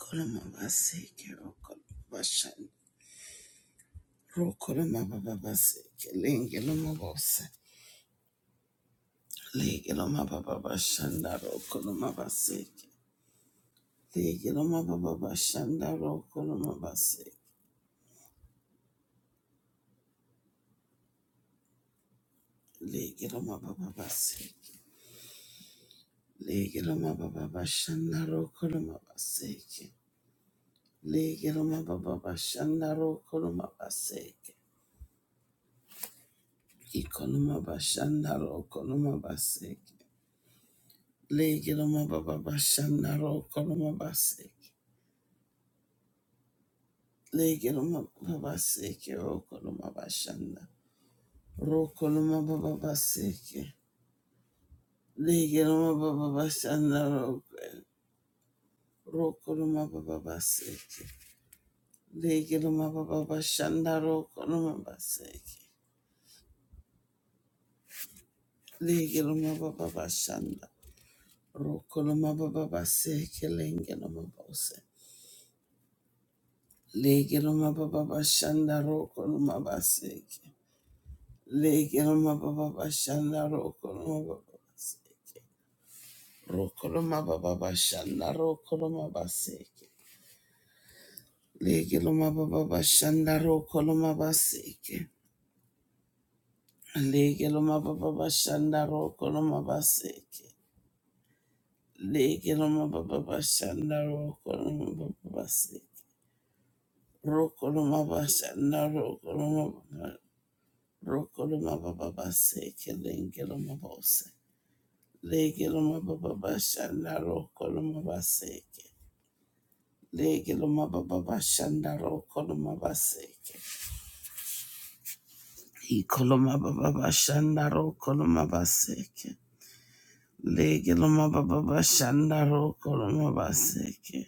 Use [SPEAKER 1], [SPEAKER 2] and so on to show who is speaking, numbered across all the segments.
[SPEAKER 1] Kolomabaseke, rokolobashan- rokolomabababaseke, lengelomabose, legelomabababashanda, rokolomabaseke, legelomabababashanda, rokolomabaseke, legelomabababaseke, legelomabababashanda, rokolomabaseke, legelomabababashanda, rokolomabaseke, ikolomabashanda, rokolomabaseke, Legiloma baba bashanda ro koloma basiki. Legiloma baba basiki ro koloma bashanda. Ro koloma baba basiki. Legiloma baba bashanda ro ro koloma baba basiki. Legiloma baba bashanda ro koloma basiki. Legiloma baba bashanda ro baba basiki legiloma bose. Legiloma baba bashanda ro koloma Legilma baba bashanda rokoloma baba rokoloma baba bashanda rokoloma baseke. Legilma baba bashanda rokoloma baseke. Legilma baba bashanda rokoloma baseke. Legilma baba bashanda rokoloma baba baseke. Rokoloma bashanda rokoloma baba- rokoloma baba baseke. Legilma bose. Legilma baba bashanda rokoloma baseke. Lege loma baba bashanda roko loma baseke. Iko baba bashanda roko loma baseke. Lege loma baba bashanda roko loma baseke.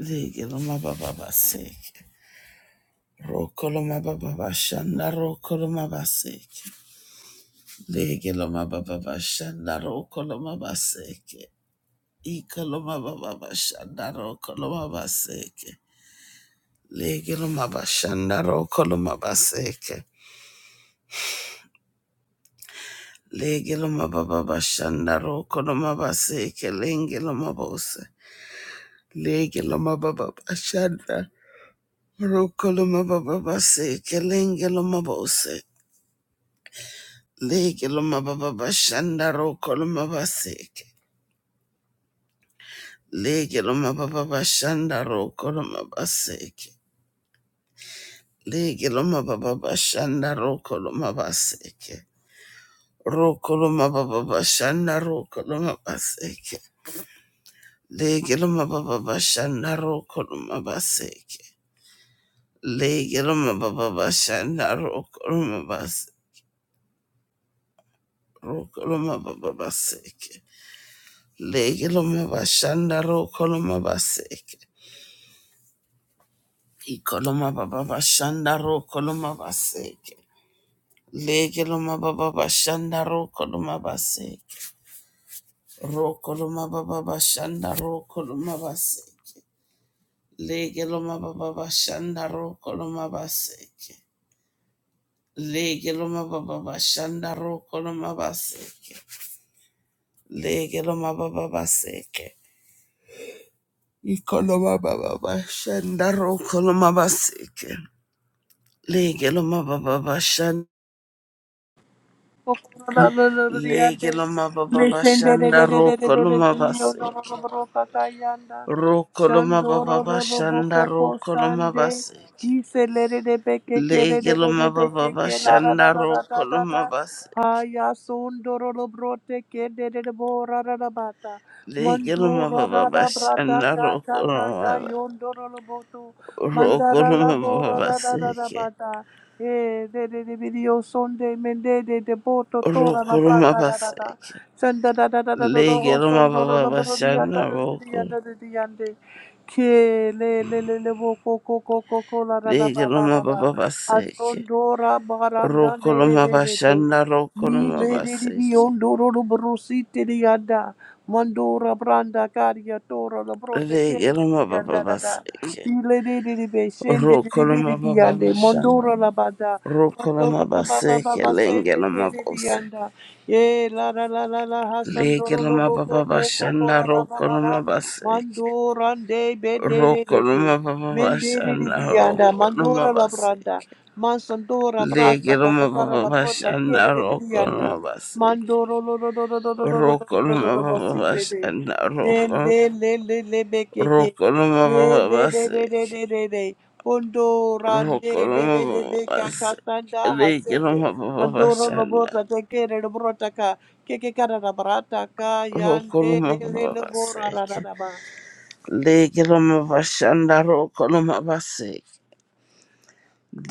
[SPEAKER 1] Lege loma baba baseke. Roko loma baba bashanda roko loma baseke. Lege loma baba bashanda roko loma baseke. Iko baba bashanda roko loma baseke. Lege loma bashanda roko loma baseke. Legilomababa Shandaro Konomaba Seke Lengilomabose Legilomababa Shanda Rokolomababa Seke Lengilomabose Legilomababa Shanda Rokolomaba Seke Legilomababa Shanda Rokolomaba Seke Legilomababa Shanda Rokolomaba Seke Rokolomababa Shanda Rokolomaba Seke Legilma baba bashanda rokoluma baseke. Legilma baba bashanda rokoluma bas rokoluma baba baseke. Legilma bashanda rokoluma baseke. Ikoluma baba bashanda rokoluma baseke. Legilma baba bashanda rokoluma baseke. Rokoluma baba bashanda rokoluma baseke. Legilma baba bashanda rokoluma baseke. Lege loma baba bashanda roko loma baseke. Lege loma baba baseke. Iko loma baba bashanda roko loma baseke. Lege loma baba bashanda.
[SPEAKER 2] Shandoro
[SPEAKER 1] Lege loma baba bashanda roko loma baseke. Roko loma baba
[SPEAKER 2] Roro
[SPEAKER 1] bashanda
[SPEAKER 2] Boko
[SPEAKER 1] roko loma
[SPEAKER 2] Sande
[SPEAKER 1] baseke.
[SPEAKER 2] Iselere de Beke Kere
[SPEAKER 1] Lege
[SPEAKER 2] de de
[SPEAKER 1] loma baba
[SPEAKER 2] Beke Kela da da
[SPEAKER 1] bashanda
[SPEAKER 2] da da da
[SPEAKER 1] roko
[SPEAKER 2] da
[SPEAKER 1] loma
[SPEAKER 2] da
[SPEAKER 1] baseke.
[SPEAKER 2] Haya Sondoro Brote Kede de Bora da da Bata
[SPEAKER 1] Lege loma
[SPEAKER 2] Mandura
[SPEAKER 1] baba
[SPEAKER 2] da da Brata
[SPEAKER 1] bashanda roko
[SPEAKER 2] Kaka Kaka
[SPEAKER 1] loma
[SPEAKER 2] Yondoro Boto Mandara la
[SPEAKER 1] Rokoroma
[SPEAKER 2] Bora da da da da
[SPEAKER 1] babaseke.
[SPEAKER 2] Bata Eh, de de de video sonde mende de de boto tora la
[SPEAKER 1] Rokoroma
[SPEAKER 2] prata da da da
[SPEAKER 1] baseke.
[SPEAKER 2] senda da da da da da
[SPEAKER 1] Lege
[SPEAKER 2] da
[SPEAKER 1] roma
[SPEAKER 2] sondo la
[SPEAKER 1] baba
[SPEAKER 2] la bro di anda
[SPEAKER 1] bashana
[SPEAKER 2] da da di
[SPEAKER 1] roko.
[SPEAKER 2] anda da di ande ke le le le le bo ko ko ko ko ko la da da
[SPEAKER 1] Lege
[SPEAKER 2] ba ba
[SPEAKER 1] roma
[SPEAKER 2] ba ba
[SPEAKER 1] baba
[SPEAKER 2] a
[SPEAKER 1] baseke.
[SPEAKER 2] sondo ra ba ra da
[SPEAKER 1] Roko
[SPEAKER 2] de de
[SPEAKER 1] roma
[SPEAKER 2] de de de
[SPEAKER 1] bashana roko
[SPEAKER 2] ni
[SPEAKER 1] roma
[SPEAKER 2] le de di bi
[SPEAKER 1] baseke.
[SPEAKER 2] ondo ro ro bro si te di anda mandora branda caria tora la bro te ke
[SPEAKER 1] Lege
[SPEAKER 2] le
[SPEAKER 1] roma
[SPEAKER 2] di anda
[SPEAKER 1] baba
[SPEAKER 2] da da
[SPEAKER 1] baseke.
[SPEAKER 2] Ile de de de be, Ilelelelebe,
[SPEAKER 1] Roko roma baba
[SPEAKER 2] shendelelebeleliyande,
[SPEAKER 1] bashana.
[SPEAKER 2] Mondoro la bada,
[SPEAKER 1] Roko
[SPEAKER 2] mondoro
[SPEAKER 1] roma
[SPEAKER 2] la baba
[SPEAKER 1] baseke.
[SPEAKER 2] baba,
[SPEAKER 1] Lenge roma bose.
[SPEAKER 2] seteteleliyanda. Ye la la la la la, hasan
[SPEAKER 1] Lege
[SPEAKER 2] doro hasandoro
[SPEAKER 1] roma
[SPEAKER 2] lobo ko
[SPEAKER 1] baba
[SPEAKER 2] ko ko ko
[SPEAKER 1] bashana
[SPEAKER 2] ra ra ba
[SPEAKER 1] roko
[SPEAKER 2] ba ba,
[SPEAKER 1] baseke.
[SPEAKER 2] mandorande
[SPEAKER 1] Roko
[SPEAKER 2] bedelelebe,
[SPEAKER 1] baba bashana
[SPEAKER 2] mendelelebiyanda,
[SPEAKER 1] roko
[SPEAKER 2] mandora la branda,
[SPEAKER 1] baseke.
[SPEAKER 2] mansandora brasta
[SPEAKER 1] Legeloma
[SPEAKER 2] kakakara
[SPEAKER 1] baba
[SPEAKER 2] la brota,
[SPEAKER 1] bashana
[SPEAKER 2] kielelebeliyanda,
[SPEAKER 1] rokoloma basi.
[SPEAKER 2] mandoro lo lo lo lo lo lo lo lo lo lo lo lo lo
[SPEAKER 1] Rokoloma
[SPEAKER 2] lo bo
[SPEAKER 1] baba
[SPEAKER 2] sitete,
[SPEAKER 1] bashana rokol.
[SPEAKER 2] shendelelelebe keke.
[SPEAKER 1] Rokoloma
[SPEAKER 2] Ye
[SPEAKER 1] baba
[SPEAKER 2] le le le
[SPEAKER 1] basi.
[SPEAKER 2] le le le le. Bondo rande le
[SPEAKER 1] Rokoloma
[SPEAKER 2] le le
[SPEAKER 1] baba
[SPEAKER 2] le
[SPEAKER 1] basi.
[SPEAKER 2] kakasanda hasete.
[SPEAKER 1] Legeloma baba
[SPEAKER 2] Mandoro
[SPEAKER 1] bashana.
[SPEAKER 2] lobota tekere loborota ka. Keke kara na barata ka yande le
[SPEAKER 1] Rokoloma
[SPEAKER 2] le
[SPEAKER 1] baba
[SPEAKER 2] lobora
[SPEAKER 1] basi. Legeloma bashana rokoloma basi.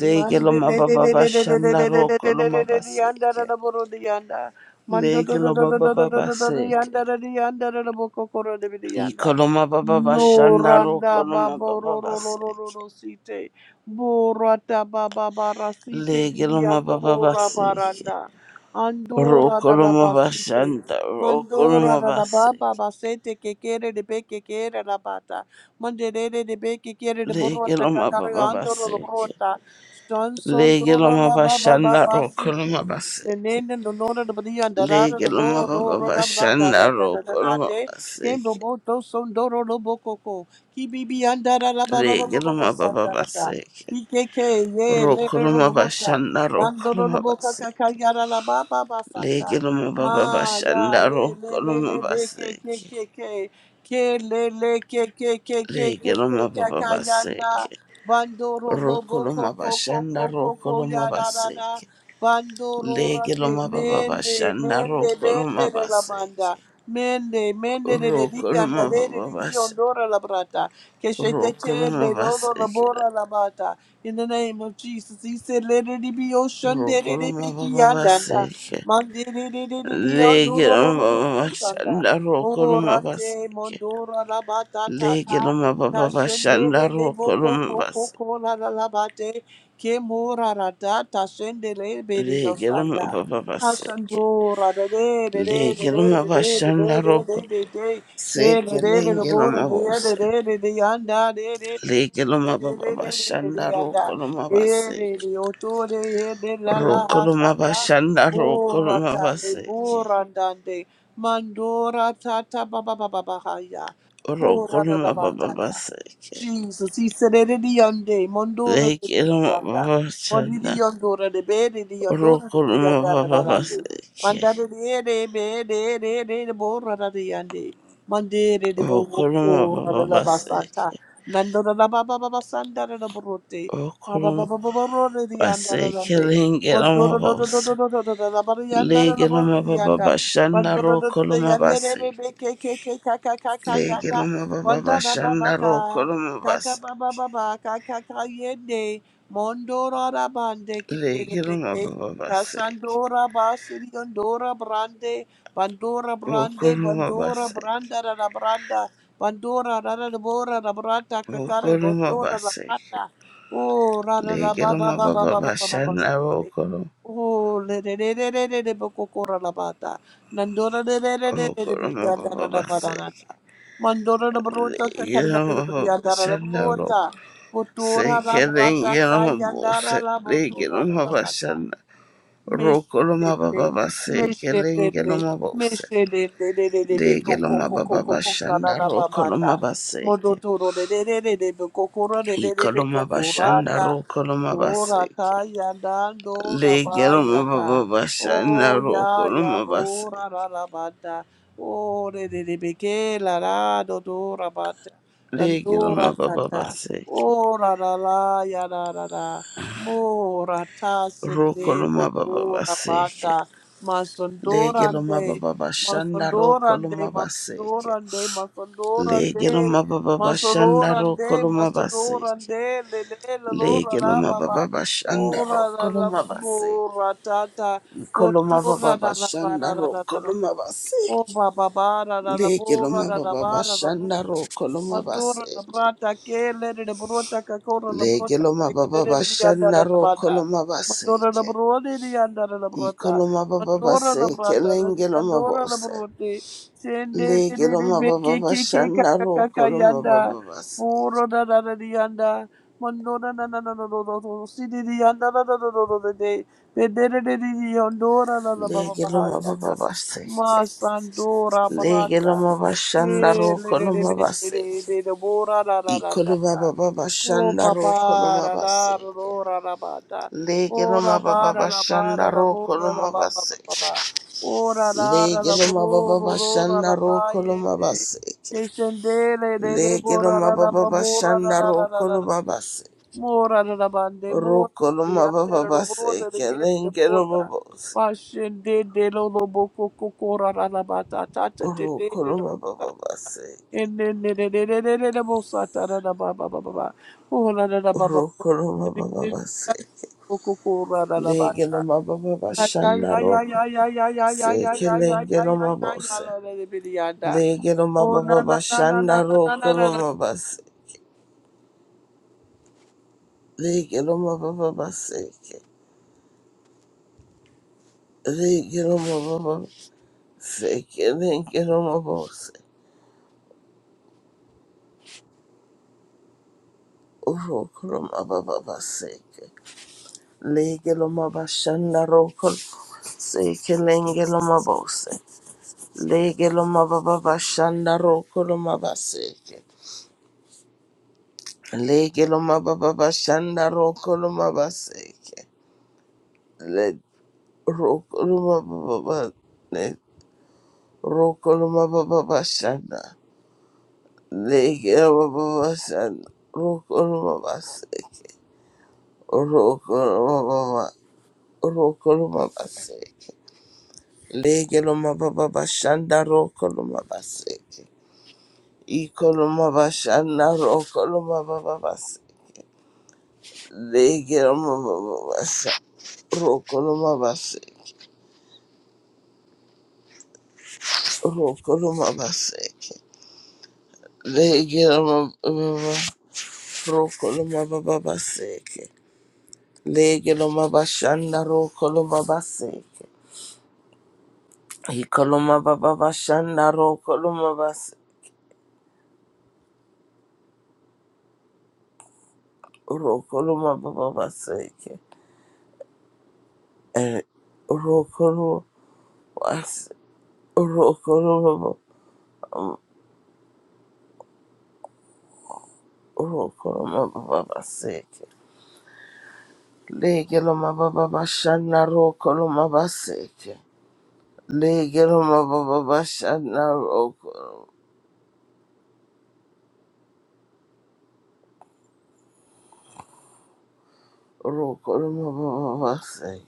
[SPEAKER 2] Mande de de
[SPEAKER 1] baba
[SPEAKER 2] de de de de de de de
[SPEAKER 1] bashana
[SPEAKER 2] de de de de
[SPEAKER 1] rokoloma
[SPEAKER 2] de de
[SPEAKER 1] basi.
[SPEAKER 2] yanda da da boro de yanda. Mando do do do
[SPEAKER 1] Legeloma
[SPEAKER 2] do do do
[SPEAKER 1] baba
[SPEAKER 2] do do do de
[SPEAKER 1] basi.
[SPEAKER 2] yanda da de yanda da da boko koro de bi de yanda.
[SPEAKER 1] Ikoloma baba
[SPEAKER 2] No
[SPEAKER 1] bashandaro
[SPEAKER 2] randa ba
[SPEAKER 1] koloma
[SPEAKER 2] bo
[SPEAKER 1] baba
[SPEAKER 2] ro ro ro ro ro
[SPEAKER 1] baseke.
[SPEAKER 2] ro site. Bo rata ba ba ba ra site di
[SPEAKER 1] Legeloma
[SPEAKER 2] yando
[SPEAKER 1] baba
[SPEAKER 2] ra ba
[SPEAKER 1] baseke.
[SPEAKER 2] randa. Andora da da
[SPEAKER 1] Rokoloma
[SPEAKER 2] basite.
[SPEAKER 1] bashanda
[SPEAKER 2] Mandora
[SPEAKER 1] rokoloma
[SPEAKER 2] da da ba ba
[SPEAKER 1] baseke.
[SPEAKER 2] basete que quiere de be que quiere la bata. Manderere de be que quiere de borrota
[SPEAKER 1] Legeloma
[SPEAKER 2] cacario
[SPEAKER 1] baba
[SPEAKER 2] andoro la
[SPEAKER 1] baseke.
[SPEAKER 2] brota. Son son dora
[SPEAKER 1] Legeloma
[SPEAKER 2] la ba ba ba
[SPEAKER 1] bashanda rokoloma
[SPEAKER 2] basite.
[SPEAKER 1] baseke.
[SPEAKER 2] Nenene no nora de badia andarara de
[SPEAKER 1] Legeloma
[SPEAKER 2] bo
[SPEAKER 1] baba
[SPEAKER 2] dora la brata
[SPEAKER 1] bashanda
[SPEAKER 2] da da da da da
[SPEAKER 1] rokoloma
[SPEAKER 2] de. Kembo
[SPEAKER 1] baseke.
[SPEAKER 2] bo to son doro no bococo. Kibibi andara la ba ba ba ba ba ba
[SPEAKER 1] Legeloma
[SPEAKER 2] sa
[SPEAKER 1] baba
[SPEAKER 2] da da da.
[SPEAKER 1] baseke.
[SPEAKER 2] Ikeke ye le le lo
[SPEAKER 1] Rokoloma
[SPEAKER 2] brota.
[SPEAKER 1] bashanda rokoloma
[SPEAKER 2] Nandorobo kaka
[SPEAKER 1] baseke.
[SPEAKER 2] kayara la ba ba ba
[SPEAKER 1] Lege
[SPEAKER 2] sata.
[SPEAKER 1] loma baba
[SPEAKER 2] Ma ya
[SPEAKER 1] bashanda
[SPEAKER 2] le
[SPEAKER 1] roko
[SPEAKER 2] le le
[SPEAKER 1] loma
[SPEAKER 2] le de ke ke
[SPEAKER 1] baseke.
[SPEAKER 2] ke ke ke le le ke ke ke ke
[SPEAKER 1] Lege
[SPEAKER 2] ke ke
[SPEAKER 1] loma baba
[SPEAKER 2] kaka yanda.
[SPEAKER 1] baseke.
[SPEAKER 2] Bandoro
[SPEAKER 1] Roko
[SPEAKER 2] lobo ko
[SPEAKER 1] loma
[SPEAKER 2] ko ko ko
[SPEAKER 1] bashanda
[SPEAKER 2] ko
[SPEAKER 1] roko
[SPEAKER 2] ko
[SPEAKER 1] loma
[SPEAKER 2] ya da da da.
[SPEAKER 1] baseke.
[SPEAKER 2] Bandoro
[SPEAKER 1] Lege
[SPEAKER 2] rate
[SPEAKER 1] loma baba
[SPEAKER 2] mende
[SPEAKER 1] bashanda
[SPEAKER 2] mende
[SPEAKER 1] roko
[SPEAKER 2] mende
[SPEAKER 1] loma
[SPEAKER 2] de la
[SPEAKER 1] baseke.
[SPEAKER 2] banda. Mende, mende de de di,
[SPEAKER 1] Roko loma
[SPEAKER 2] andare de
[SPEAKER 1] baba
[SPEAKER 2] de di,
[SPEAKER 1] bash.
[SPEAKER 2] ondora la brata, che se te
[SPEAKER 1] Roko loma
[SPEAKER 2] cende, loro la
[SPEAKER 1] baseke.
[SPEAKER 2] bora la bata. In the name of Jesus, he said, let it be ocean, de
[SPEAKER 1] Roko
[SPEAKER 2] de de be
[SPEAKER 1] loma
[SPEAKER 2] ki
[SPEAKER 1] baba
[SPEAKER 2] andanda.
[SPEAKER 1] baseke.
[SPEAKER 2] Mande de de de de di,
[SPEAKER 1] Lege
[SPEAKER 2] ondoro lo
[SPEAKER 1] loma
[SPEAKER 2] lo lo
[SPEAKER 1] baba
[SPEAKER 2] lo lo sanda.
[SPEAKER 1] bashanda roko loma
[SPEAKER 2] Ora te,
[SPEAKER 1] baseke.
[SPEAKER 2] mondora la bata ta
[SPEAKER 1] Lege
[SPEAKER 2] ta.
[SPEAKER 1] loma baba
[SPEAKER 2] Kashende
[SPEAKER 1] bashanda
[SPEAKER 2] de de
[SPEAKER 1] roko
[SPEAKER 2] bo ko
[SPEAKER 1] loma
[SPEAKER 2] ko
[SPEAKER 1] baseke.
[SPEAKER 2] ko ko la la la bate. Ke mora ra ta, ta shende le be di
[SPEAKER 1] lege
[SPEAKER 2] osanda.
[SPEAKER 1] lomababa seke
[SPEAKER 2] Ashandora de de de de
[SPEAKER 1] lege
[SPEAKER 2] de de de de de de de
[SPEAKER 1] lomamashandaroko
[SPEAKER 2] de de de Eh, de
[SPEAKER 1] seke
[SPEAKER 2] de de de
[SPEAKER 1] lenge
[SPEAKER 2] bora de ya de
[SPEAKER 1] lomabose
[SPEAKER 2] de de de yanda de de
[SPEAKER 1] lege
[SPEAKER 2] de de de de de de de de yanda
[SPEAKER 1] lomababashandaroko
[SPEAKER 2] Eh, de
[SPEAKER 1] lomabaseke
[SPEAKER 2] de oto de ye de la la
[SPEAKER 1] roko
[SPEAKER 2] asanda
[SPEAKER 1] lomamashandaroko
[SPEAKER 2] bora tande
[SPEAKER 1] lomabaseke
[SPEAKER 2] bora dande mandora tata ba ba ba ba ba ha ya.
[SPEAKER 1] roko
[SPEAKER 2] Kura da da ba ta ta.
[SPEAKER 1] lomababaseke
[SPEAKER 2] Jesus, he said it in the yonder, Mondora de
[SPEAKER 1] lege
[SPEAKER 2] Yanda, Mondidi
[SPEAKER 1] lomababashanda
[SPEAKER 2] Yondora de Bede, the Yondora
[SPEAKER 1] roko
[SPEAKER 2] de Yanda,
[SPEAKER 1] lomababaseke
[SPEAKER 2] Mandada de Ede, Bede, de Ede, the Bora de Yande, Mandere de
[SPEAKER 1] roko
[SPEAKER 2] Bora de la Basanta,
[SPEAKER 1] seke.
[SPEAKER 2] Nando de la Baba Basanda de la Borote,
[SPEAKER 1] roko
[SPEAKER 2] Baba Baba Borote de Yanda
[SPEAKER 1] lomabaseke
[SPEAKER 2] Rande,
[SPEAKER 1] lenge
[SPEAKER 2] Odoro
[SPEAKER 1] lomabose
[SPEAKER 2] de la Barianda de la
[SPEAKER 1] Lege
[SPEAKER 2] Bora
[SPEAKER 1] loma
[SPEAKER 2] de
[SPEAKER 1] baba
[SPEAKER 2] Yanda,
[SPEAKER 1] bashanda
[SPEAKER 2] Mandora
[SPEAKER 1] roko
[SPEAKER 2] de
[SPEAKER 1] loma basi.
[SPEAKER 2] Yandere, KKKKKK
[SPEAKER 1] Lege
[SPEAKER 2] Yanda.
[SPEAKER 1] loma baba
[SPEAKER 2] Wanda na
[SPEAKER 1] bashanda
[SPEAKER 2] babaka,
[SPEAKER 1] roko loma
[SPEAKER 2] kaka
[SPEAKER 1] basi.
[SPEAKER 2] baba baba, kaka kayende, mondora rabande
[SPEAKER 1] Lege loma
[SPEAKER 2] kebebeke,
[SPEAKER 1] baba basi.
[SPEAKER 2] kasandora basiri ondora brande, bandora
[SPEAKER 1] Roko
[SPEAKER 2] brande,
[SPEAKER 1] loma
[SPEAKER 2] bandora
[SPEAKER 1] basi.
[SPEAKER 2] branda da da branda, bandora da da da bora da brata, kakare
[SPEAKER 1] Roko loma
[SPEAKER 2] botora da
[SPEAKER 1] basi.
[SPEAKER 2] brata, oh ra da da
[SPEAKER 1] Lege
[SPEAKER 2] baba
[SPEAKER 1] loma
[SPEAKER 2] baba
[SPEAKER 1] baba
[SPEAKER 2] baba baba baba.
[SPEAKER 1] bashanda roko loma.
[SPEAKER 2] Oh, le le le le le le le bokokora la bata. Nandora le le le le le le
[SPEAKER 1] Roko loma
[SPEAKER 2] bidiyanda na
[SPEAKER 1] baba
[SPEAKER 2] na na na
[SPEAKER 1] basi.
[SPEAKER 2] na. Mandora na brota
[SPEAKER 1] Lege
[SPEAKER 2] katari na
[SPEAKER 1] loma
[SPEAKER 2] na
[SPEAKER 1] baba
[SPEAKER 2] bidiyanda na na
[SPEAKER 1] bashanda roko.
[SPEAKER 2] brota. Botora la
[SPEAKER 1] Seke
[SPEAKER 2] brata
[SPEAKER 1] lege loma
[SPEAKER 2] kayanda
[SPEAKER 1] bose.
[SPEAKER 2] la
[SPEAKER 1] Lege
[SPEAKER 2] botora la
[SPEAKER 1] loma
[SPEAKER 2] bata.
[SPEAKER 1] bashanda. Roko loma
[SPEAKER 2] Meshedede,
[SPEAKER 1] baba basi. Lege lenge
[SPEAKER 2] meshedede,
[SPEAKER 1] loma bose.
[SPEAKER 2] meshedede, beko
[SPEAKER 1] Lege
[SPEAKER 2] koko
[SPEAKER 1] loma
[SPEAKER 2] koko
[SPEAKER 1] baba
[SPEAKER 2] koko kana
[SPEAKER 1] bashanda
[SPEAKER 2] na
[SPEAKER 1] roko
[SPEAKER 2] babata.
[SPEAKER 1] loma baseke.
[SPEAKER 2] Modotoro de de de de de beko koro de de de
[SPEAKER 1] Iko
[SPEAKER 2] beko
[SPEAKER 1] loma bashanda
[SPEAKER 2] korata.
[SPEAKER 1] roko loma
[SPEAKER 2] Korata
[SPEAKER 1] baseke.
[SPEAKER 2] yadando
[SPEAKER 1] Lege loma
[SPEAKER 2] rabayata.
[SPEAKER 1] baba
[SPEAKER 2] Oh
[SPEAKER 1] bashanda
[SPEAKER 2] ya
[SPEAKER 1] roko
[SPEAKER 2] ya
[SPEAKER 1] loma
[SPEAKER 2] bora
[SPEAKER 1] baseke.
[SPEAKER 2] la la banda. Oh de de de beke la la do do rabata.
[SPEAKER 1] Lege
[SPEAKER 2] Dandora
[SPEAKER 1] loma baba
[SPEAKER 2] dada.
[SPEAKER 1] baseke.
[SPEAKER 2] Ora la la ya da da da. Mora ta se de
[SPEAKER 1] Roko loma baba
[SPEAKER 2] popora
[SPEAKER 1] baseke.
[SPEAKER 2] bada. Masondora
[SPEAKER 1] Lege loma
[SPEAKER 2] de.
[SPEAKER 1] baba bashanda
[SPEAKER 2] Masondora
[SPEAKER 1] roko
[SPEAKER 2] de.
[SPEAKER 1] loma baseke.
[SPEAKER 2] Masondora de. Masondora
[SPEAKER 1] Lege
[SPEAKER 2] de.
[SPEAKER 1] loma baba bashanda
[SPEAKER 2] Masondora de.
[SPEAKER 1] roko loma
[SPEAKER 2] Masondora
[SPEAKER 1] baseke.
[SPEAKER 2] de. Le le la lora
[SPEAKER 1] Lege
[SPEAKER 2] la
[SPEAKER 1] loma
[SPEAKER 2] baba.
[SPEAKER 1] baba bashanda
[SPEAKER 2] Ora la
[SPEAKER 1] roko
[SPEAKER 2] la
[SPEAKER 1] loma
[SPEAKER 2] babu
[SPEAKER 1] baseke.
[SPEAKER 2] ratata.
[SPEAKER 1] Koloma
[SPEAKER 2] Potura
[SPEAKER 1] baba
[SPEAKER 2] da da ba
[SPEAKER 1] bashanda
[SPEAKER 2] da da
[SPEAKER 1] ro
[SPEAKER 2] da da da.
[SPEAKER 1] koloma
[SPEAKER 2] Oh,
[SPEAKER 1] baseke.
[SPEAKER 2] ba ba ba da da da
[SPEAKER 1] Lege
[SPEAKER 2] bo ra
[SPEAKER 1] loma
[SPEAKER 2] da da
[SPEAKER 1] baba
[SPEAKER 2] ba da da
[SPEAKER 1] bashanda
[SPEAKER 2] bro
[SPEAKER 1] ro koloma
[SPEAKER 2] Mandora la
[SPEAKER 1] baseke.
[SPEAKER 2] brata kele de brota kakora la
[SPEAKER 1] Lege
[SPEAKER 2] brota
[SPEAKER 1] loma baba
[SPEAKER 2] kakere de yanda
[SPEAKER 1] bashanda
[SPEAKER 2] la
[SPEAKER 1] ro
[SPEAKER 2] bata.
[SPEAKER 1] koloma
[SPEAKER 2] Mandora la
[SPEAKER 1] baseke.
[SPEAKER 2] brode de yanda la
[SPEAKER 1] I
[SPEAKER 2] brota.
[SPEAKER 1] koloma baba
[SPEAKER 2] Mandora la
[SPEAKER 1] baseke
[SPEAKER 2] brata la de
[SPEAKER 1] lenge loma
[SPEAKER 2] yandora la
[SPEAKER 1] bose.
[SPEAKER 2] brote. Sende de
[SPEAKER 1] Lege
[SPEAKER 2] de de
[SPEAKER 1] loma
[SPEAKER 2] be
[SPEAKER 1] baba
[SPEAKER 2] ke ke ke
[SPEAKER 1] bashanda ro
[SPEAKER 2] kakaka
[SPEAKER 1] koloma
[SPEAKER 2] yanda.
[SPEAKER 1] baba baseke.
[SPEAKER 2] Moro da da da de yanda. Mandora na na na na na na na si de de yanda la la la la la de. Be de de de de de yandora la la ba ba
[SPEAKER 1] Lege
[SPEAKER 2] ba ha
[SPEAKER 1] loma baba
[SPEAKER 2] yanda.
[SPEAKER 1] baseke.
[SPEAKER 2] Masandora
[SPEAKER 1] Lege
[SPEAKER 2] brata.
[SPEAKER 1] loma bashanda
[SPEAKER 2] Eh,
[SPEAKER 1] ro
[SPEAKER 2] le- le- le-
[SPEAKER 1] koloma
[SPEAKER 2] le- le- le-
[SPEAKER 1] baseke.
[SPEAKER 2] le- le- bo- ra- ra-
[SPEAKER 1] I
[SPEAKER 2] ra- ra- ra-
[SPEAKER 1] koloma
[SPEAKER 2] ra.
[SPEAKER 1] baba
[SPEAKER 2] Oh,
[SPEAKER 1] bashanda ro
[SPEAKER 2] Papa,
[SPEAKER 1] koloma
[SPEAKER 2] ra- ra- ra-
[SPEAKER 1] baseke.
[SPEAKER 2] ro- ra- ra- ba- da. Oh, ra-
[SPEAKER 1] Legiloma
[SPEAKER 2] ba-
[SPEAKER 1] baba
[SPEAKER 2] ra- ra- ba- ra-
[SPEAKER 1] bashanda
[SPEAKER 2] ra-
[SPEAKER 1] ro
[SPEAKER 2] bo- ra- ra-
[SPEAKER 1] koloma
[SPEAKER 2] ba- ba- ba-
[SPEAKER 1] base.
[SPEAKER 2] ba- ba. Oh, ra- ra- ra- ra- bo-
[SPEAKER 1] Legiloma
[SPEAKER 2] ro-
[SPEAKER 1] baba
[SPEAKER 2] ro- ro- ra-
[SPEAKER 1] bashanda
[SPEAKER 2] ra-
[SPEAKER 1] ro
[SPEAKER 2] ba- ye-
[SPEAKER 1] koloma
[SPEAKER 2] de.
[SPEAKER 1] base.
[SPEAKER 2] Ke- shen- le- le- le- bo- ra-
[SPEAKER 1] Legiloma
[SPEAKER 2] ra- ra-
[SPEAKER 1] baba
[SPEAKER 2] ba- bo- ra- ra-
[SPEAKER 1] bashanda
[SPEAKER 2] ra- ra-
[SPEAKER 1] ro
[SPEAKER 2] ra- ra- ra.
[SPEAKER 1] koloma base.
[SPEAKER 2] Mo- ra- ra- ra- ban- de. Mo-
[SPEAKER 1] Ro
[SPEAKER 2] ra- ra-
[SPEAKER 1] koloma
[SPEAKER 2] yan- de-
[SPEAKER 1] baba
[SPEAKER 2] ra- lo- bo-
[SPEAKER 1] base.
[SPEAKER 2] ra- ra- ke- de- bo-
[SPEAKER 1] Legiloma
[SPEAKER 2] ra.
[SPEAKER 1] bose.
[SPEAKER 2] lo- lo- bo- ko- ko- ko- ra- ra- ra- ba- ta- ta- ta- te-
[SPEAKER 1] Ro
[SPEAKER 2] te- de- de-
[SPEAKER 1] koloma baba base.
[SPEAKER 2] I
[SPEAKER 1] Ro koloma baba base. Legiloma baba bashanda ro koloma se kelengiloma bose. Legiloma baba bashanda ro koloma base. Leke no mababa seke. Leke no mababa seke. Leke no mababa seke. Uroko no mababa seke. Leke no mabashanda roko seke. Lenge no mabose. Leke no mababa shanda roko no mabaseke. Leke no mababa shanda roko no mabaseke. Le roko no mababa. Le roko no mababa shanda. Legirababasan Rokolumabasik Rokolumababa Rokolumabasik Legilumababashanda Rokolumabasik Ikolumabashanda Rokolumababasik Legilumababasa Rokolumabasik Rokolumabasik Legilumababa Rokolumababasik Legilumabashanda Rokolumabasik Ikoloma baba bashanda rokoloma bas rokoloma baba baseke and rokoloma bas rokoloma ba- rokoloma baba baseke legeloma baba bashanda rokoloma baseke legeloma baba bashanda rokoloma rokoloma baba baseke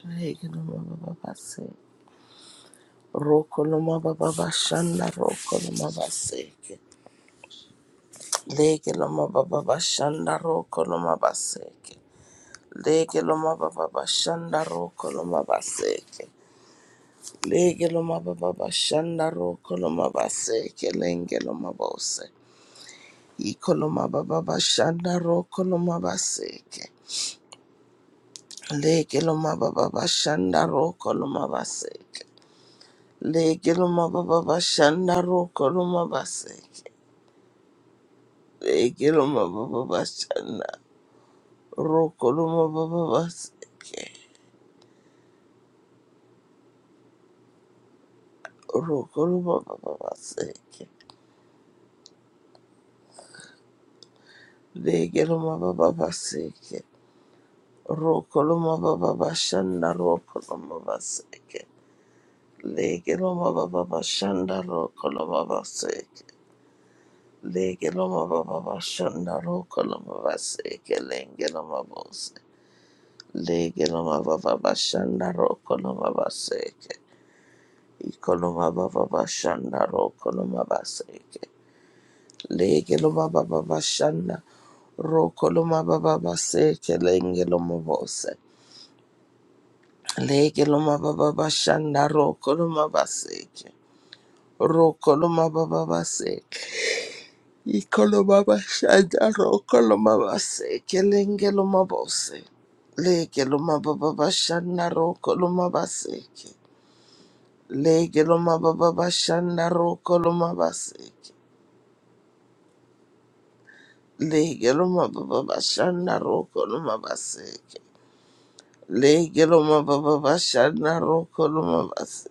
[SPEAKER 1] legeloma baba baseke rokoloma baba bashanda rokoloma baseke Lege loma baba bashanda roko loma baseke. Lege loma baba bashanda roko loma baseke. Lege loma baba bashanda roko loma baseke. Lenge loma bose. Iko loma baba bashanda roko loma baseke. Lege loma baba bashanda roko loma baseke. Lege loma baba bashanda roko loma baseke. Lege loma baba bashanda roko loma baba baseke. Roko Lubaba Baseke Lege Lumaba Baseke Roko Lumaba Bashanda Roko Lumaba Seke Lege Lumaba Bashanda Roko Lumaba Seke Lege Lumaba Bashanda Roko Lumaba Seke Lenge Lumaba Se Lege Lumaba Bashanda Roko Lumaba Seke lege lo ma ba ba ba shanda roko lo ma ba ba ba seke lenge lo ma bose lege lo ma ba ba ba shanda roko lo ma ba seke roko lo ma ba ba ba seke iko lo ma ba shanda roko lo ma ba seke lenge lo ma bose lege lo ma ba ba ba shanda roko lo ma ba seke lege lo ma ba ba ba shanda roko lo ma ba seke lege lo ma ba ba ba shanda roko lo ma ba seke Lege loma baba bashana roko loma base.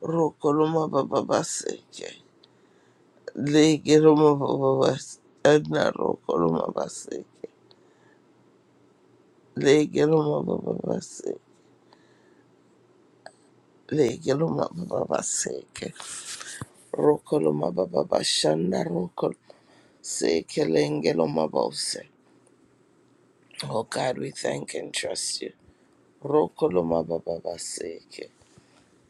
[SPEAKER 1] Roko loma baba baseke. Lege loma baba bashana roko loma baseke. Lege loma baba base. Lege loma baba baseke. Roko loma baba bashana roko seke lenge loma bose. Oh God, we thank and trust you. Roko loma baba baseke.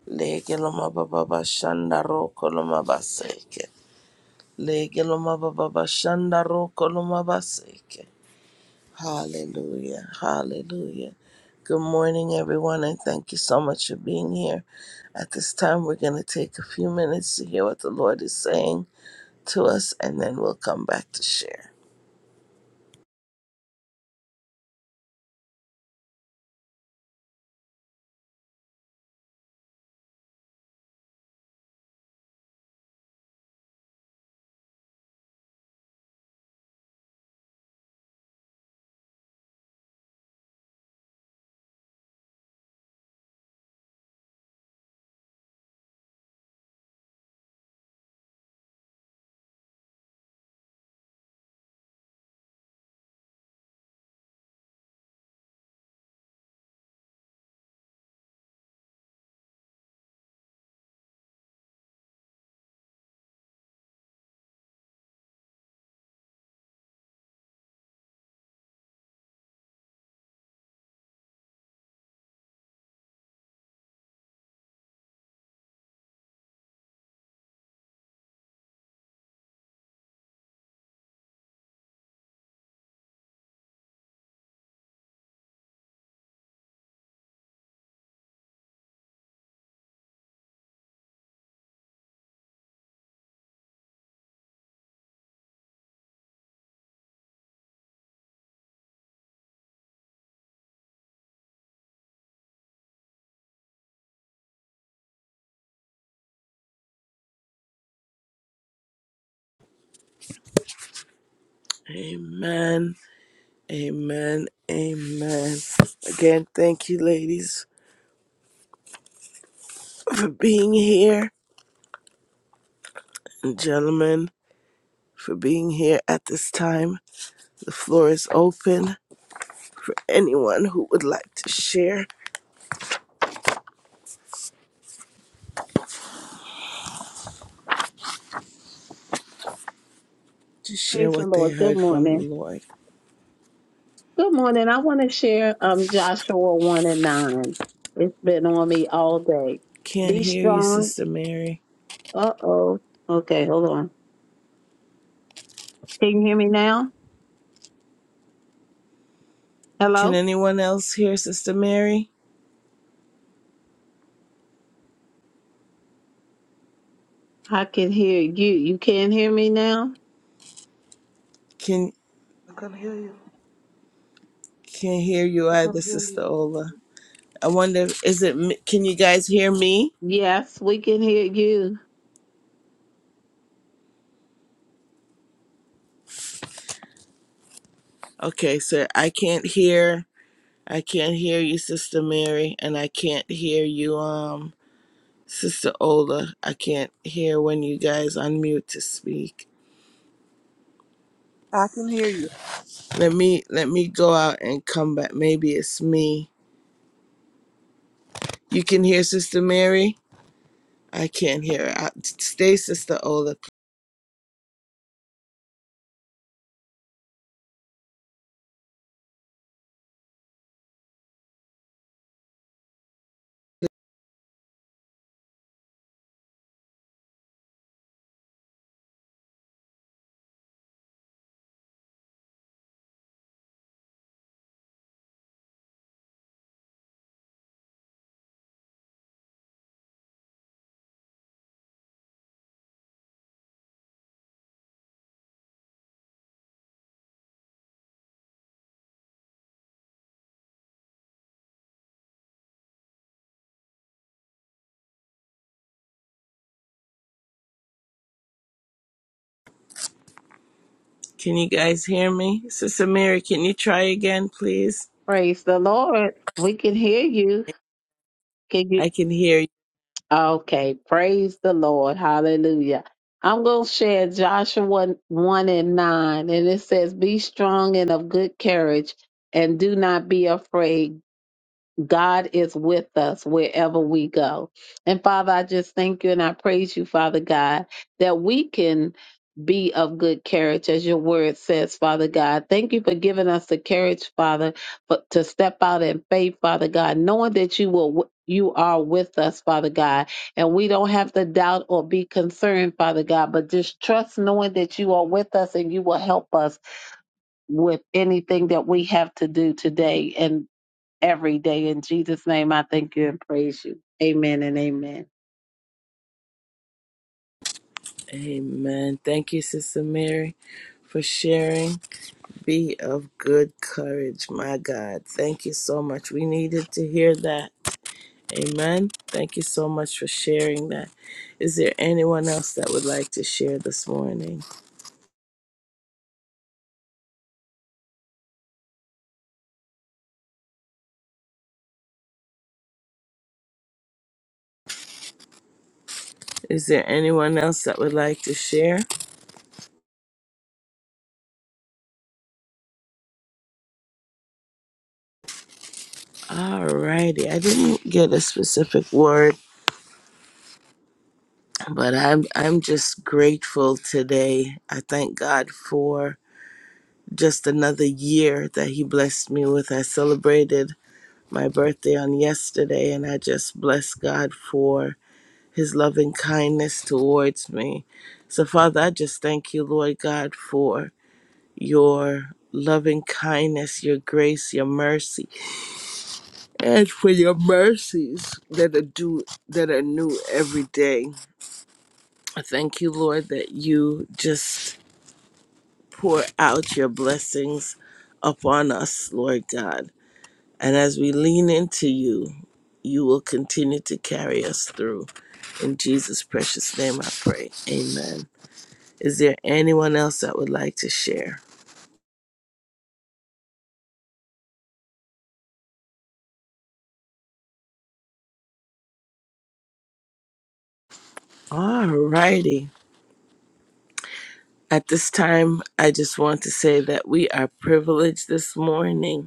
[SPEAKER 1] Lege loma baba bashana roko loma baseke. Legeloma baba bashanda roko baseke. Hallelujah. Hallelujah. Good morning, everyone, and thank you so much for being here. At this time, we're going to take a few minutes to hear what the Lord is saying to us, and then we'll come back to share. Amen. Amen. Amen. Again, thank you, ladies, for being here, and gentlemen, for being here at this time. The floor is open. for anyone who would like to share, to share
[SPEAKER 3] Praise the
[SPEAKER 1] what they
[SPEAKER 3] Lord. Good
[SPEAKER 1] heard from the
[SPEAKER 3] morning.
[SPEAKER 1] Lord.
[SPEAKER 3] Good morning. I want to share um, Joshua 1 and 9. It's been on me all day.
[SPEAKER 1] Can't
[SPEAKER 3] Be
[SPEAKER 1] hear you,
[SPEAKER 3] strong.
[SPEAKER 1] Sister Mary.
[SPEAKER 3] Uh oh. Okay, hold on. Can you hear me now?
[SPEAKER 1] Can
[SPEAKER 3] Hello?
[SPEAKER 1] anyone else hear Sister Mary?
[SPEAKER 3] I can hear you. You can hear me now?
[SPEAKER 1] Can
[SPEAKER 4] I can hear you.
[SPEAKER 1] can hear you
[SPEAKER 4] I can
[SPEAKER 1] either,
[SPEAKER 4] hear you,
[SPEAKER 1] Sister
[SPEAKER 4] sister.
[SPEAKER 1] Ola. I wonder, if- is it? me- Can you guys hear me?
[SPEAKER 3] Yes, we can hear you.
[SPEAKER 1] Okay, so I can't hear. I can't hear you, Sister Mary, and I can't hear you, um, Sister Ola. I can't hear when you guys unmute to speak.
[SPEAKER 2] can hear you.
[SPEAKER 1] Let me let me go out and come back. Maybe it's me You can hear Sister Mary? I can't hear. her. I, stay, Sister Ola. Can you guys hear me? Sister Mary, can you try again, please?
[SPEAKER 3] Praise the Lord. We can hear you. Can you
[SPEAKER 1] I can hear you.
[SPEAKER 3] Okay, praise the Lord. Hallelujah. I'm going to share Joshua 1 and 9, and it says, Be strong and of good courage, and do not be afraid. God is with us wherever we go. And Father, I just thank you and I praise you, Father God, that we can be of good carriage as your word says, Father God. Thank you for giving us the courage, Father, for, to step out in faith, Father God, knowing that you will you are with us, Father God, and we don't have to doubt or be concerned, Father God, but just trust knowing that you are with us and you will help us with anything that we have to do today. And every day. In Jesus' name, I thank you and praise you. Amen and amen.
[SPEAKER 1] Amen. Thank you, Sister Mary, for sharing. Be of good courage, my God. Thank you so much. We needed to hear that. Amen. Thank you so much for sharing that. Is there anyone else that would like to share this morning? Is there anyone else that would like to share? Alrighty, I didn't get a specific word, but I'm I'm just grateful today. I thank God for just another year that He blessed me with. I celebrated my birthday on yesterday, and I just bless God for His loving kindness towards me. So, Father, I just thank you, Lord God, for your loving kindness, your grace, your mercy. and for your mercies that are due that are new every day. I thank you, Lord, that you just pour out your blessings upon us, Lord God. And as we lean into you, you will continue to carry us through. In Jesus' precious name I pray. Amen. Is there anyone else that would like to share? Alrighty. At this time, I just want to say that we are privileged this morning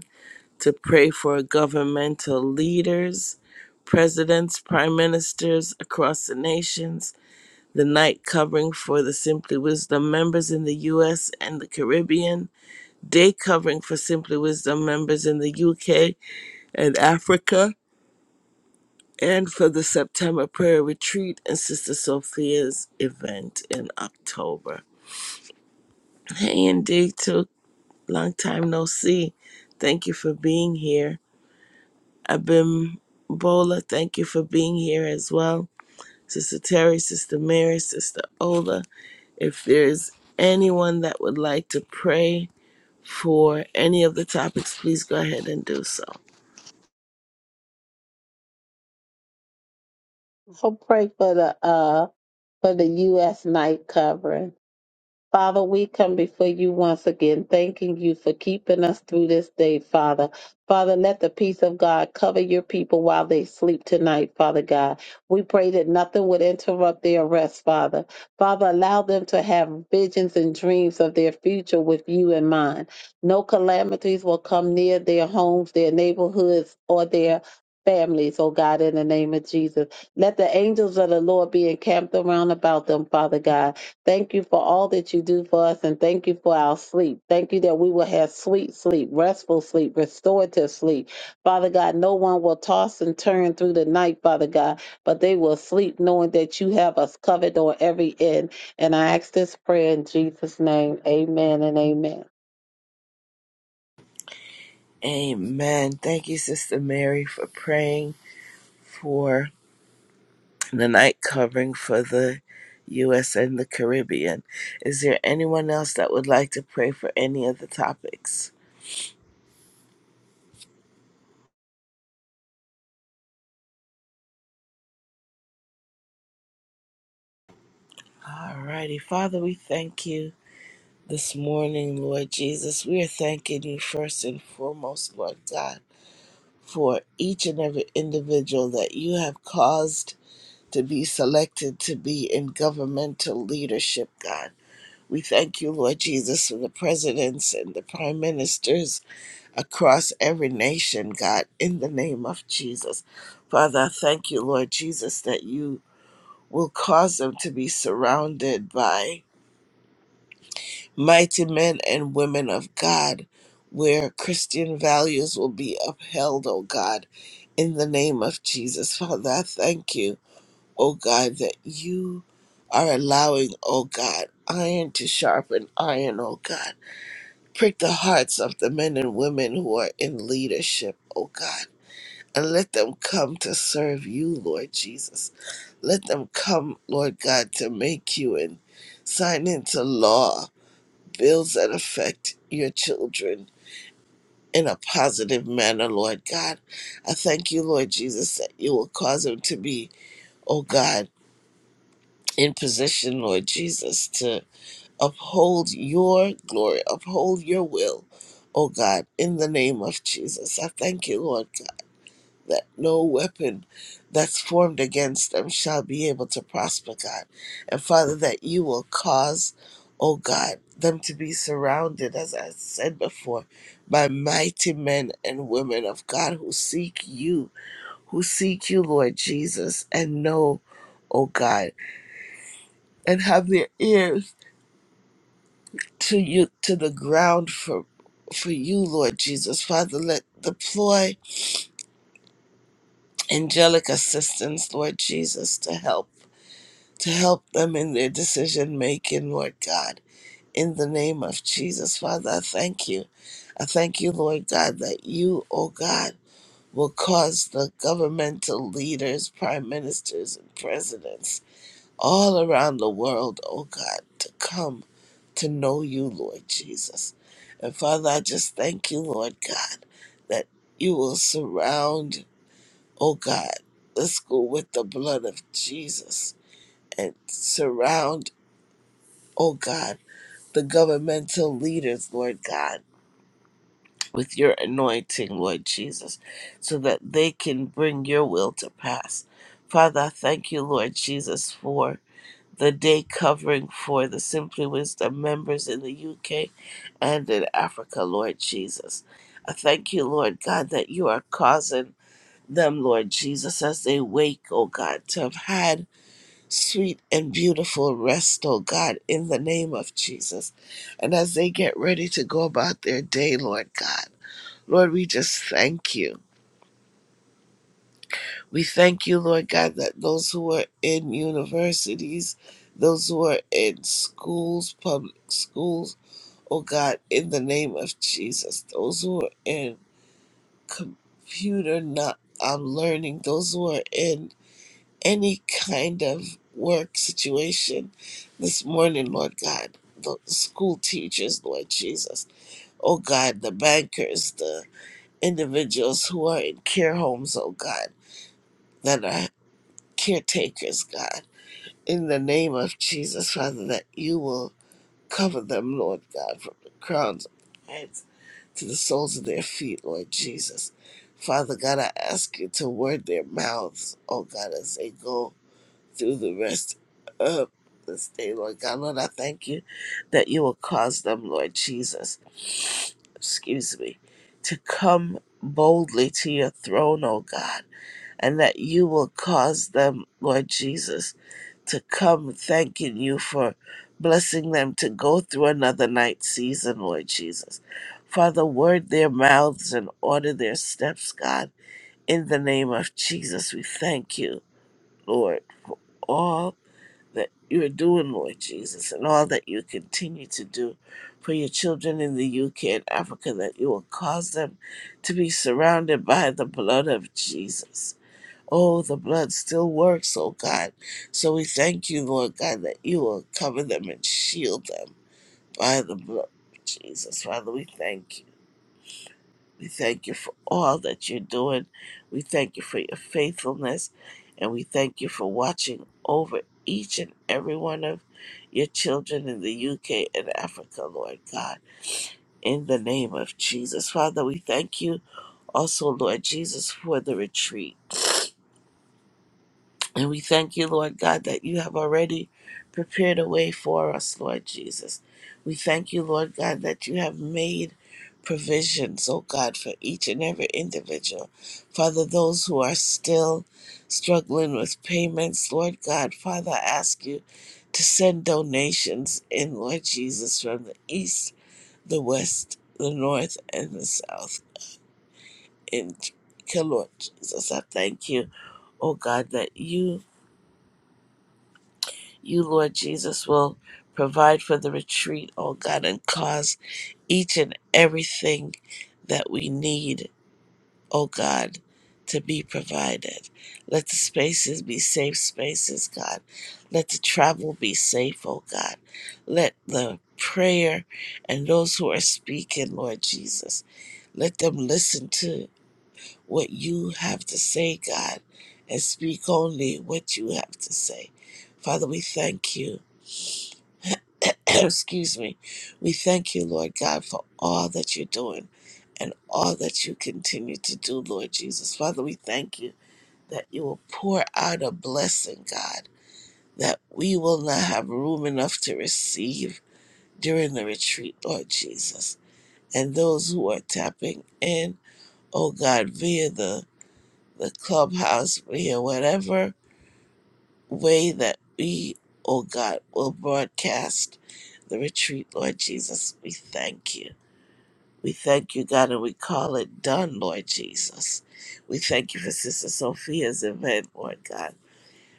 [SPEAKER 1] to pray for governmental leaders, presidents, prime ministers across the nations, the night covering for the Simply Wisdom members in the US and the Caribbean, day covering for Simply Wisdom members in the UK and Africa, and for the September prayer retreat and Sister Sophia's event in October. Hey, indeed, took long time no see. Thank you for being here. Abim thank you for being here as well. Sister Terry, Sister Mary, Sister Ola. If there's anyone that would like to pray for any of the topics, please go ahead and do so.
[SPEAKER 3] So pray for the uh for the U.S. night covering. Father, we come before you once again, thanking you for keeping us through this day, Father. Father, let the peace of God cover your people while they sleep tonight, Father God. We pray that nothing would interrupt their rest, Father. Father, allow them to have visions and dreams of their future with you in mind. No calamities will come near their homes, their neighborhoods, or their families, oh God, in the name of Jesus. Let the angels of the Lord be encamped around about them, Father God. Thank you for all that you do for us and thank you for our sleep. Thank you that we will have sweet sleep, restful sleep, restorative sleep. Father God, no one will toss and turn through the night, Father God, but they will sleep knowing that you have us covered on every end. And I ask this prayer in Jesus' name. Amen and amen.
[SPEAKER 1] Amen. Thank you, Sister Mary, for praying for the night covering for the U.S. and the Caribbean. Is there anyone else that would like to pray for any of the topics? Alrighty, Father, we thank you. this morning, Lord Jesus. We are thanking you first and foremost, Lord God, for each and every individual that you have caused to be selected to be in governmental leadership, God. We thank you, Lord Jesus, for the presidents and the prime ministers across every nation, God, in the name of Jesus. Father, I thank you, Lord Jesus, that you will cause them to be surrounded by mighty men and women of God, where Christian values will be upheld, oh God, in the name of Jesus. Father, I thank you, oh God, that you are allowing, oh God, iron to sharpen iron, oh God. Prick the hearts of the men and women who are in leadership, oh God. And let them come to serve you, Lord Jesus. Let them come, Lord God, to make you and sign into law bills that affect your children in a positive manner, Lord God. I thank you, Lord Jesus, that you will cause them to be, oh God, in position, Lord Jesus, to uphold your glory, uphold your will, oh God, in the name of Jesus. I thank you, Lord that no weapon that's formed against them shall be able to prosper, God. And Father, that you will cause, oh God, them to be surrounded, as I said before, by mighty men and women of God who seek you, who seek you, Lord Jesus, and know, oh God, and have their ears to you, to the ground for. For you, Lord Jesus. Father, let deploy angelic assistance, Lord Jesus, to help. to help them in their decision making, Lord God. In the name of Jesus, Father, I thank you. I thank you, Lord God, that you, oh God, will cause the governmental leaders, prime ministers, and presidents all around the world, oh God, to come to know you, Lord Jesus. And Father, I just thank you, Lord God, that you will surround, oh God, the school with the blood of Jesus and surround oh God, the governmental leaders, Lord God, with your anointing, Lord Jesus, so that they can bring your will to pass. Father, I thank you, Lord Jesus, for the day covering for the Simply Wisdom members in the UK and in Africa, Lord Jesus. I thank you, Lord God, that you are causing them, Lord Jesus, as they wake, oh God, to have had sweet and beautiful rest, oh God, in the name of Jesus. And as they get ready to go about their day, Lord God, Lord, we just thank you. We thank you, Lord God, that those who are in universities, those who are in schools, public schools, oh God, in the name of Jesus, those who are in computer not um, learning, those who are in any kind of work situation this morning, Lord God. The school teachers, Lord Jesus. Oh God, the bankers, the individuals who are in care homes, oh God, that are caretakers, God. In the name of Jesus, Father, that you will cover them, Lord God, from the crowns of their heads to the soles of their feet, Lord Jesus. Father God, I ask you to word their mouths, oh God, as they go through the rest of this day, Lord God. Lord, I thank you that you will cause them, Lord Jesus, excuse me, to come boldly to your throne, O God, and that you will cause them, Lord Jesus, to come thanking you for blessing them to go through another night season, Lord Jesus. Father, word their mouths and order their steps, God. In the name of Jesus, we thank you, Lord. for All that you are doing, Lord Jesus, and all that you continue to do for your children in the UK and Africa, that you will cause them to be surrounded by the blood of Jesus. Oh, the blood still works, oh God. So we thank you, Lord God, that you will cover them and shield them by the blood of Jesus. Father, we thank you. We thank you for all that you're doing. We thank you for your faithfulness. And we thank you for watching over each and every one of your children in the UK and Africa, Lord God. In the name of Jesus. Father, we thank you also, Lord Jesus, for the retreat. And we thank you, Lord God, that you have already prepared a way for us, Lord Jesus. We thank you, Lord God, that you have made provisions, oh God, for each and every individual. Father, those who are still struggling with payments, Lord God, Father, I ask you to send donations in, Lord Jesus, from the east, the west, the north, and the south. In Lord Jesus, I thank you, oh God, that you You, Lord Jesus, will provide for the retreat, oh God, and cause each and everything that we need, oh God, to be provided. Let the spaces be safe spaces, God. Let the travel be safe, oh God. Let the prayer and those who are speaking, Lord Jesus, let them listen to what you have to say, God, and speak only what you have to say. Father, we thank you Excuse me. We thank you, Lord God, for all that you're doing and all that you continue to do, Lord Jesus. Father, we thank you that you will pour out a blessing, God, that we will not have room enough to receive during the retreat, Lord Jesus. And those who are tapping in, oh God, via the, the clubhouse, via whatever way that we, O God, will broadcast the retreat, Lord Jesus. We thank you. We thank you, God, and we call it done, Lord Jesus. We thank you for Sister Sophia's event, Lord God,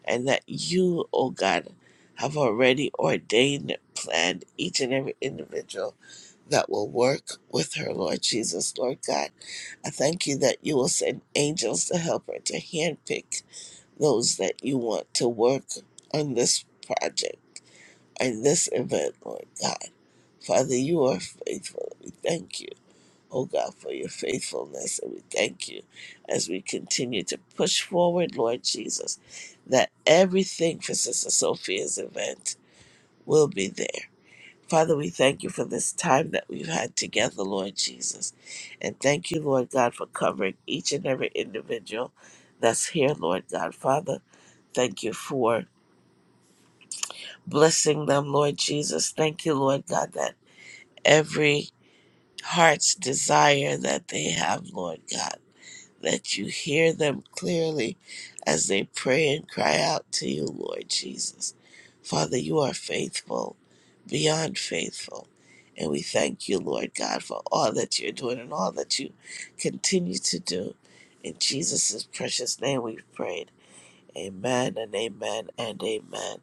[SPEAKER 1] and that you, O God, have already ordained and planned each and every individual that will work with her, Lord Jesus, Lord God. I thank you that you will send angels to help her to handpick those that you want to work on this project, on this event, Lord God. Father, you are faithful. We thank you, oh God, for your faithfulness. And we thank you as we continue to push forward, Lord Jesus, that everything for Sister Sophia's event will be there. Father, we thank you for this time that we've had together, Lord Jesus. And thank you, Lord God, for covering each and every individual that's here, Lord God. Father, Thank you for blessing them, Lord Jesus. Thank you, Lord God, that every heart's desire that they have, Lord God, that you hear them clearly as they pray and cry out to you, Lord Jesus. Father, you are faithful, beyond faithful. And we thank you, Lord God, for all that you're doing and all that you continue to do. In Jesus' precious name we've prayed. Amen and amen and amen.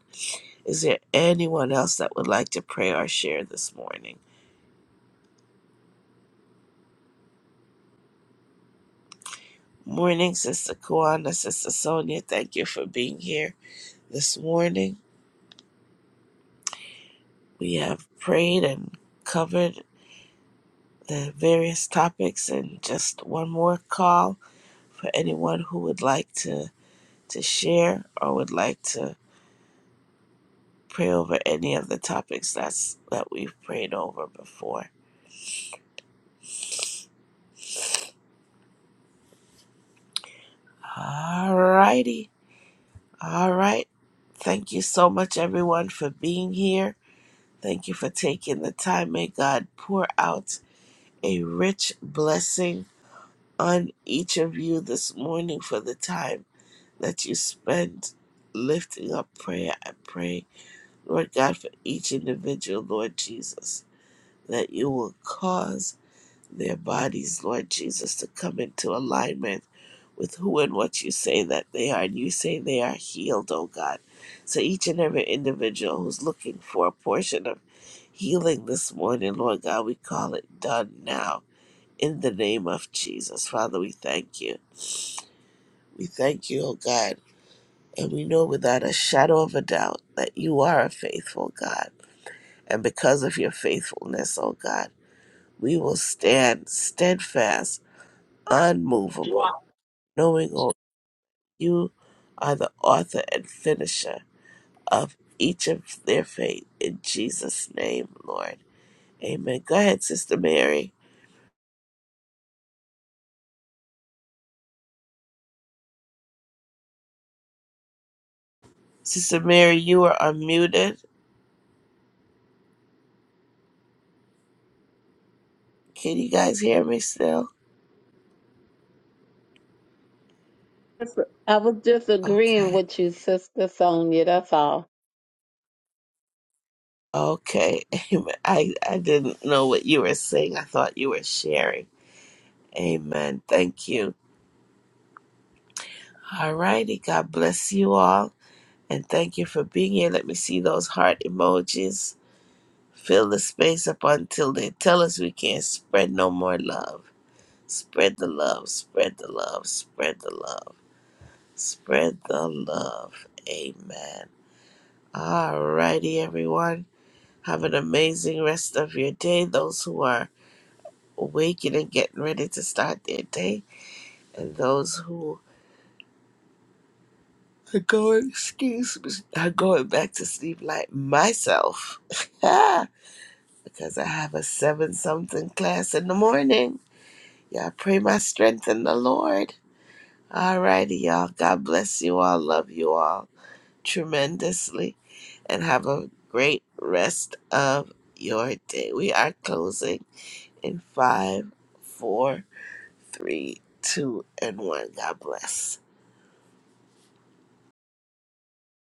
[SPEAKER 1] Is there anyone else that would like to pray or share this morning? Morning, Sister Kwana, Sister Sonia, thank you for being here this morning. We have prayed and covered the various topics, and just one more call for anyone who would like to, to share or would like to pray over any of the topics that's that we've prayed over before. All righty, All right. Thank you so much everyone for being here. Thank you for taking the time. May God pour out a rich blessing on each of you this morning for the time that you spend lifting up prayer. I pray, Lord God, for each individual, Lord Jesus, that you will cause their bodies, Lord Jesus, to come into alignment with who and what you say that they are. And you say they are healed, oh God. So each and every individual who's looking for a portion of healing this morning, Lord God. We call it done now in the name of Jesus. Father, we thank you. We thank you, oh God. And we know without a shadow of a doubt that you are a faithful God. And because of your faithfulness, oh God, we will stand steadfast, unmovable, knowing, oh, you are the author and finisher of each of their faith. In Jesus' name, Lord. Amen. Go ahead, Sister Mary. Sister Mary, you are unmuted. Can you guys hear me still?
[SPEAKER 3] I was just agreeing
[SPEAKER 1] Okay.
[SPEAKER 3] with you, Sister Sonia. That's all.
[SPEAKER 1] Okay. Amen. I, I didn't know what you were saying. I thought you were sharing. Amen. Thank you. All righty. God bless you all. And thank you for being here. Let me see those heart emojis. Fill the space up until they tell us we can't spread no more love. Spread the love. Spread the love. Spread the love. Spread the love. Amen. All righty, everyone. Have an amazing rest of your day. Those who are waking and getting ready to start their day, and those who are going, excuse me, are going back to sleep like myself, because I have a seven something class in the morning. Y'all pray my strength in the Lord. Alrighty, y'all. God bless you all. Love you all tremendously, and have a great rest of your day. We are closing in five, four three, two, and one. God bless.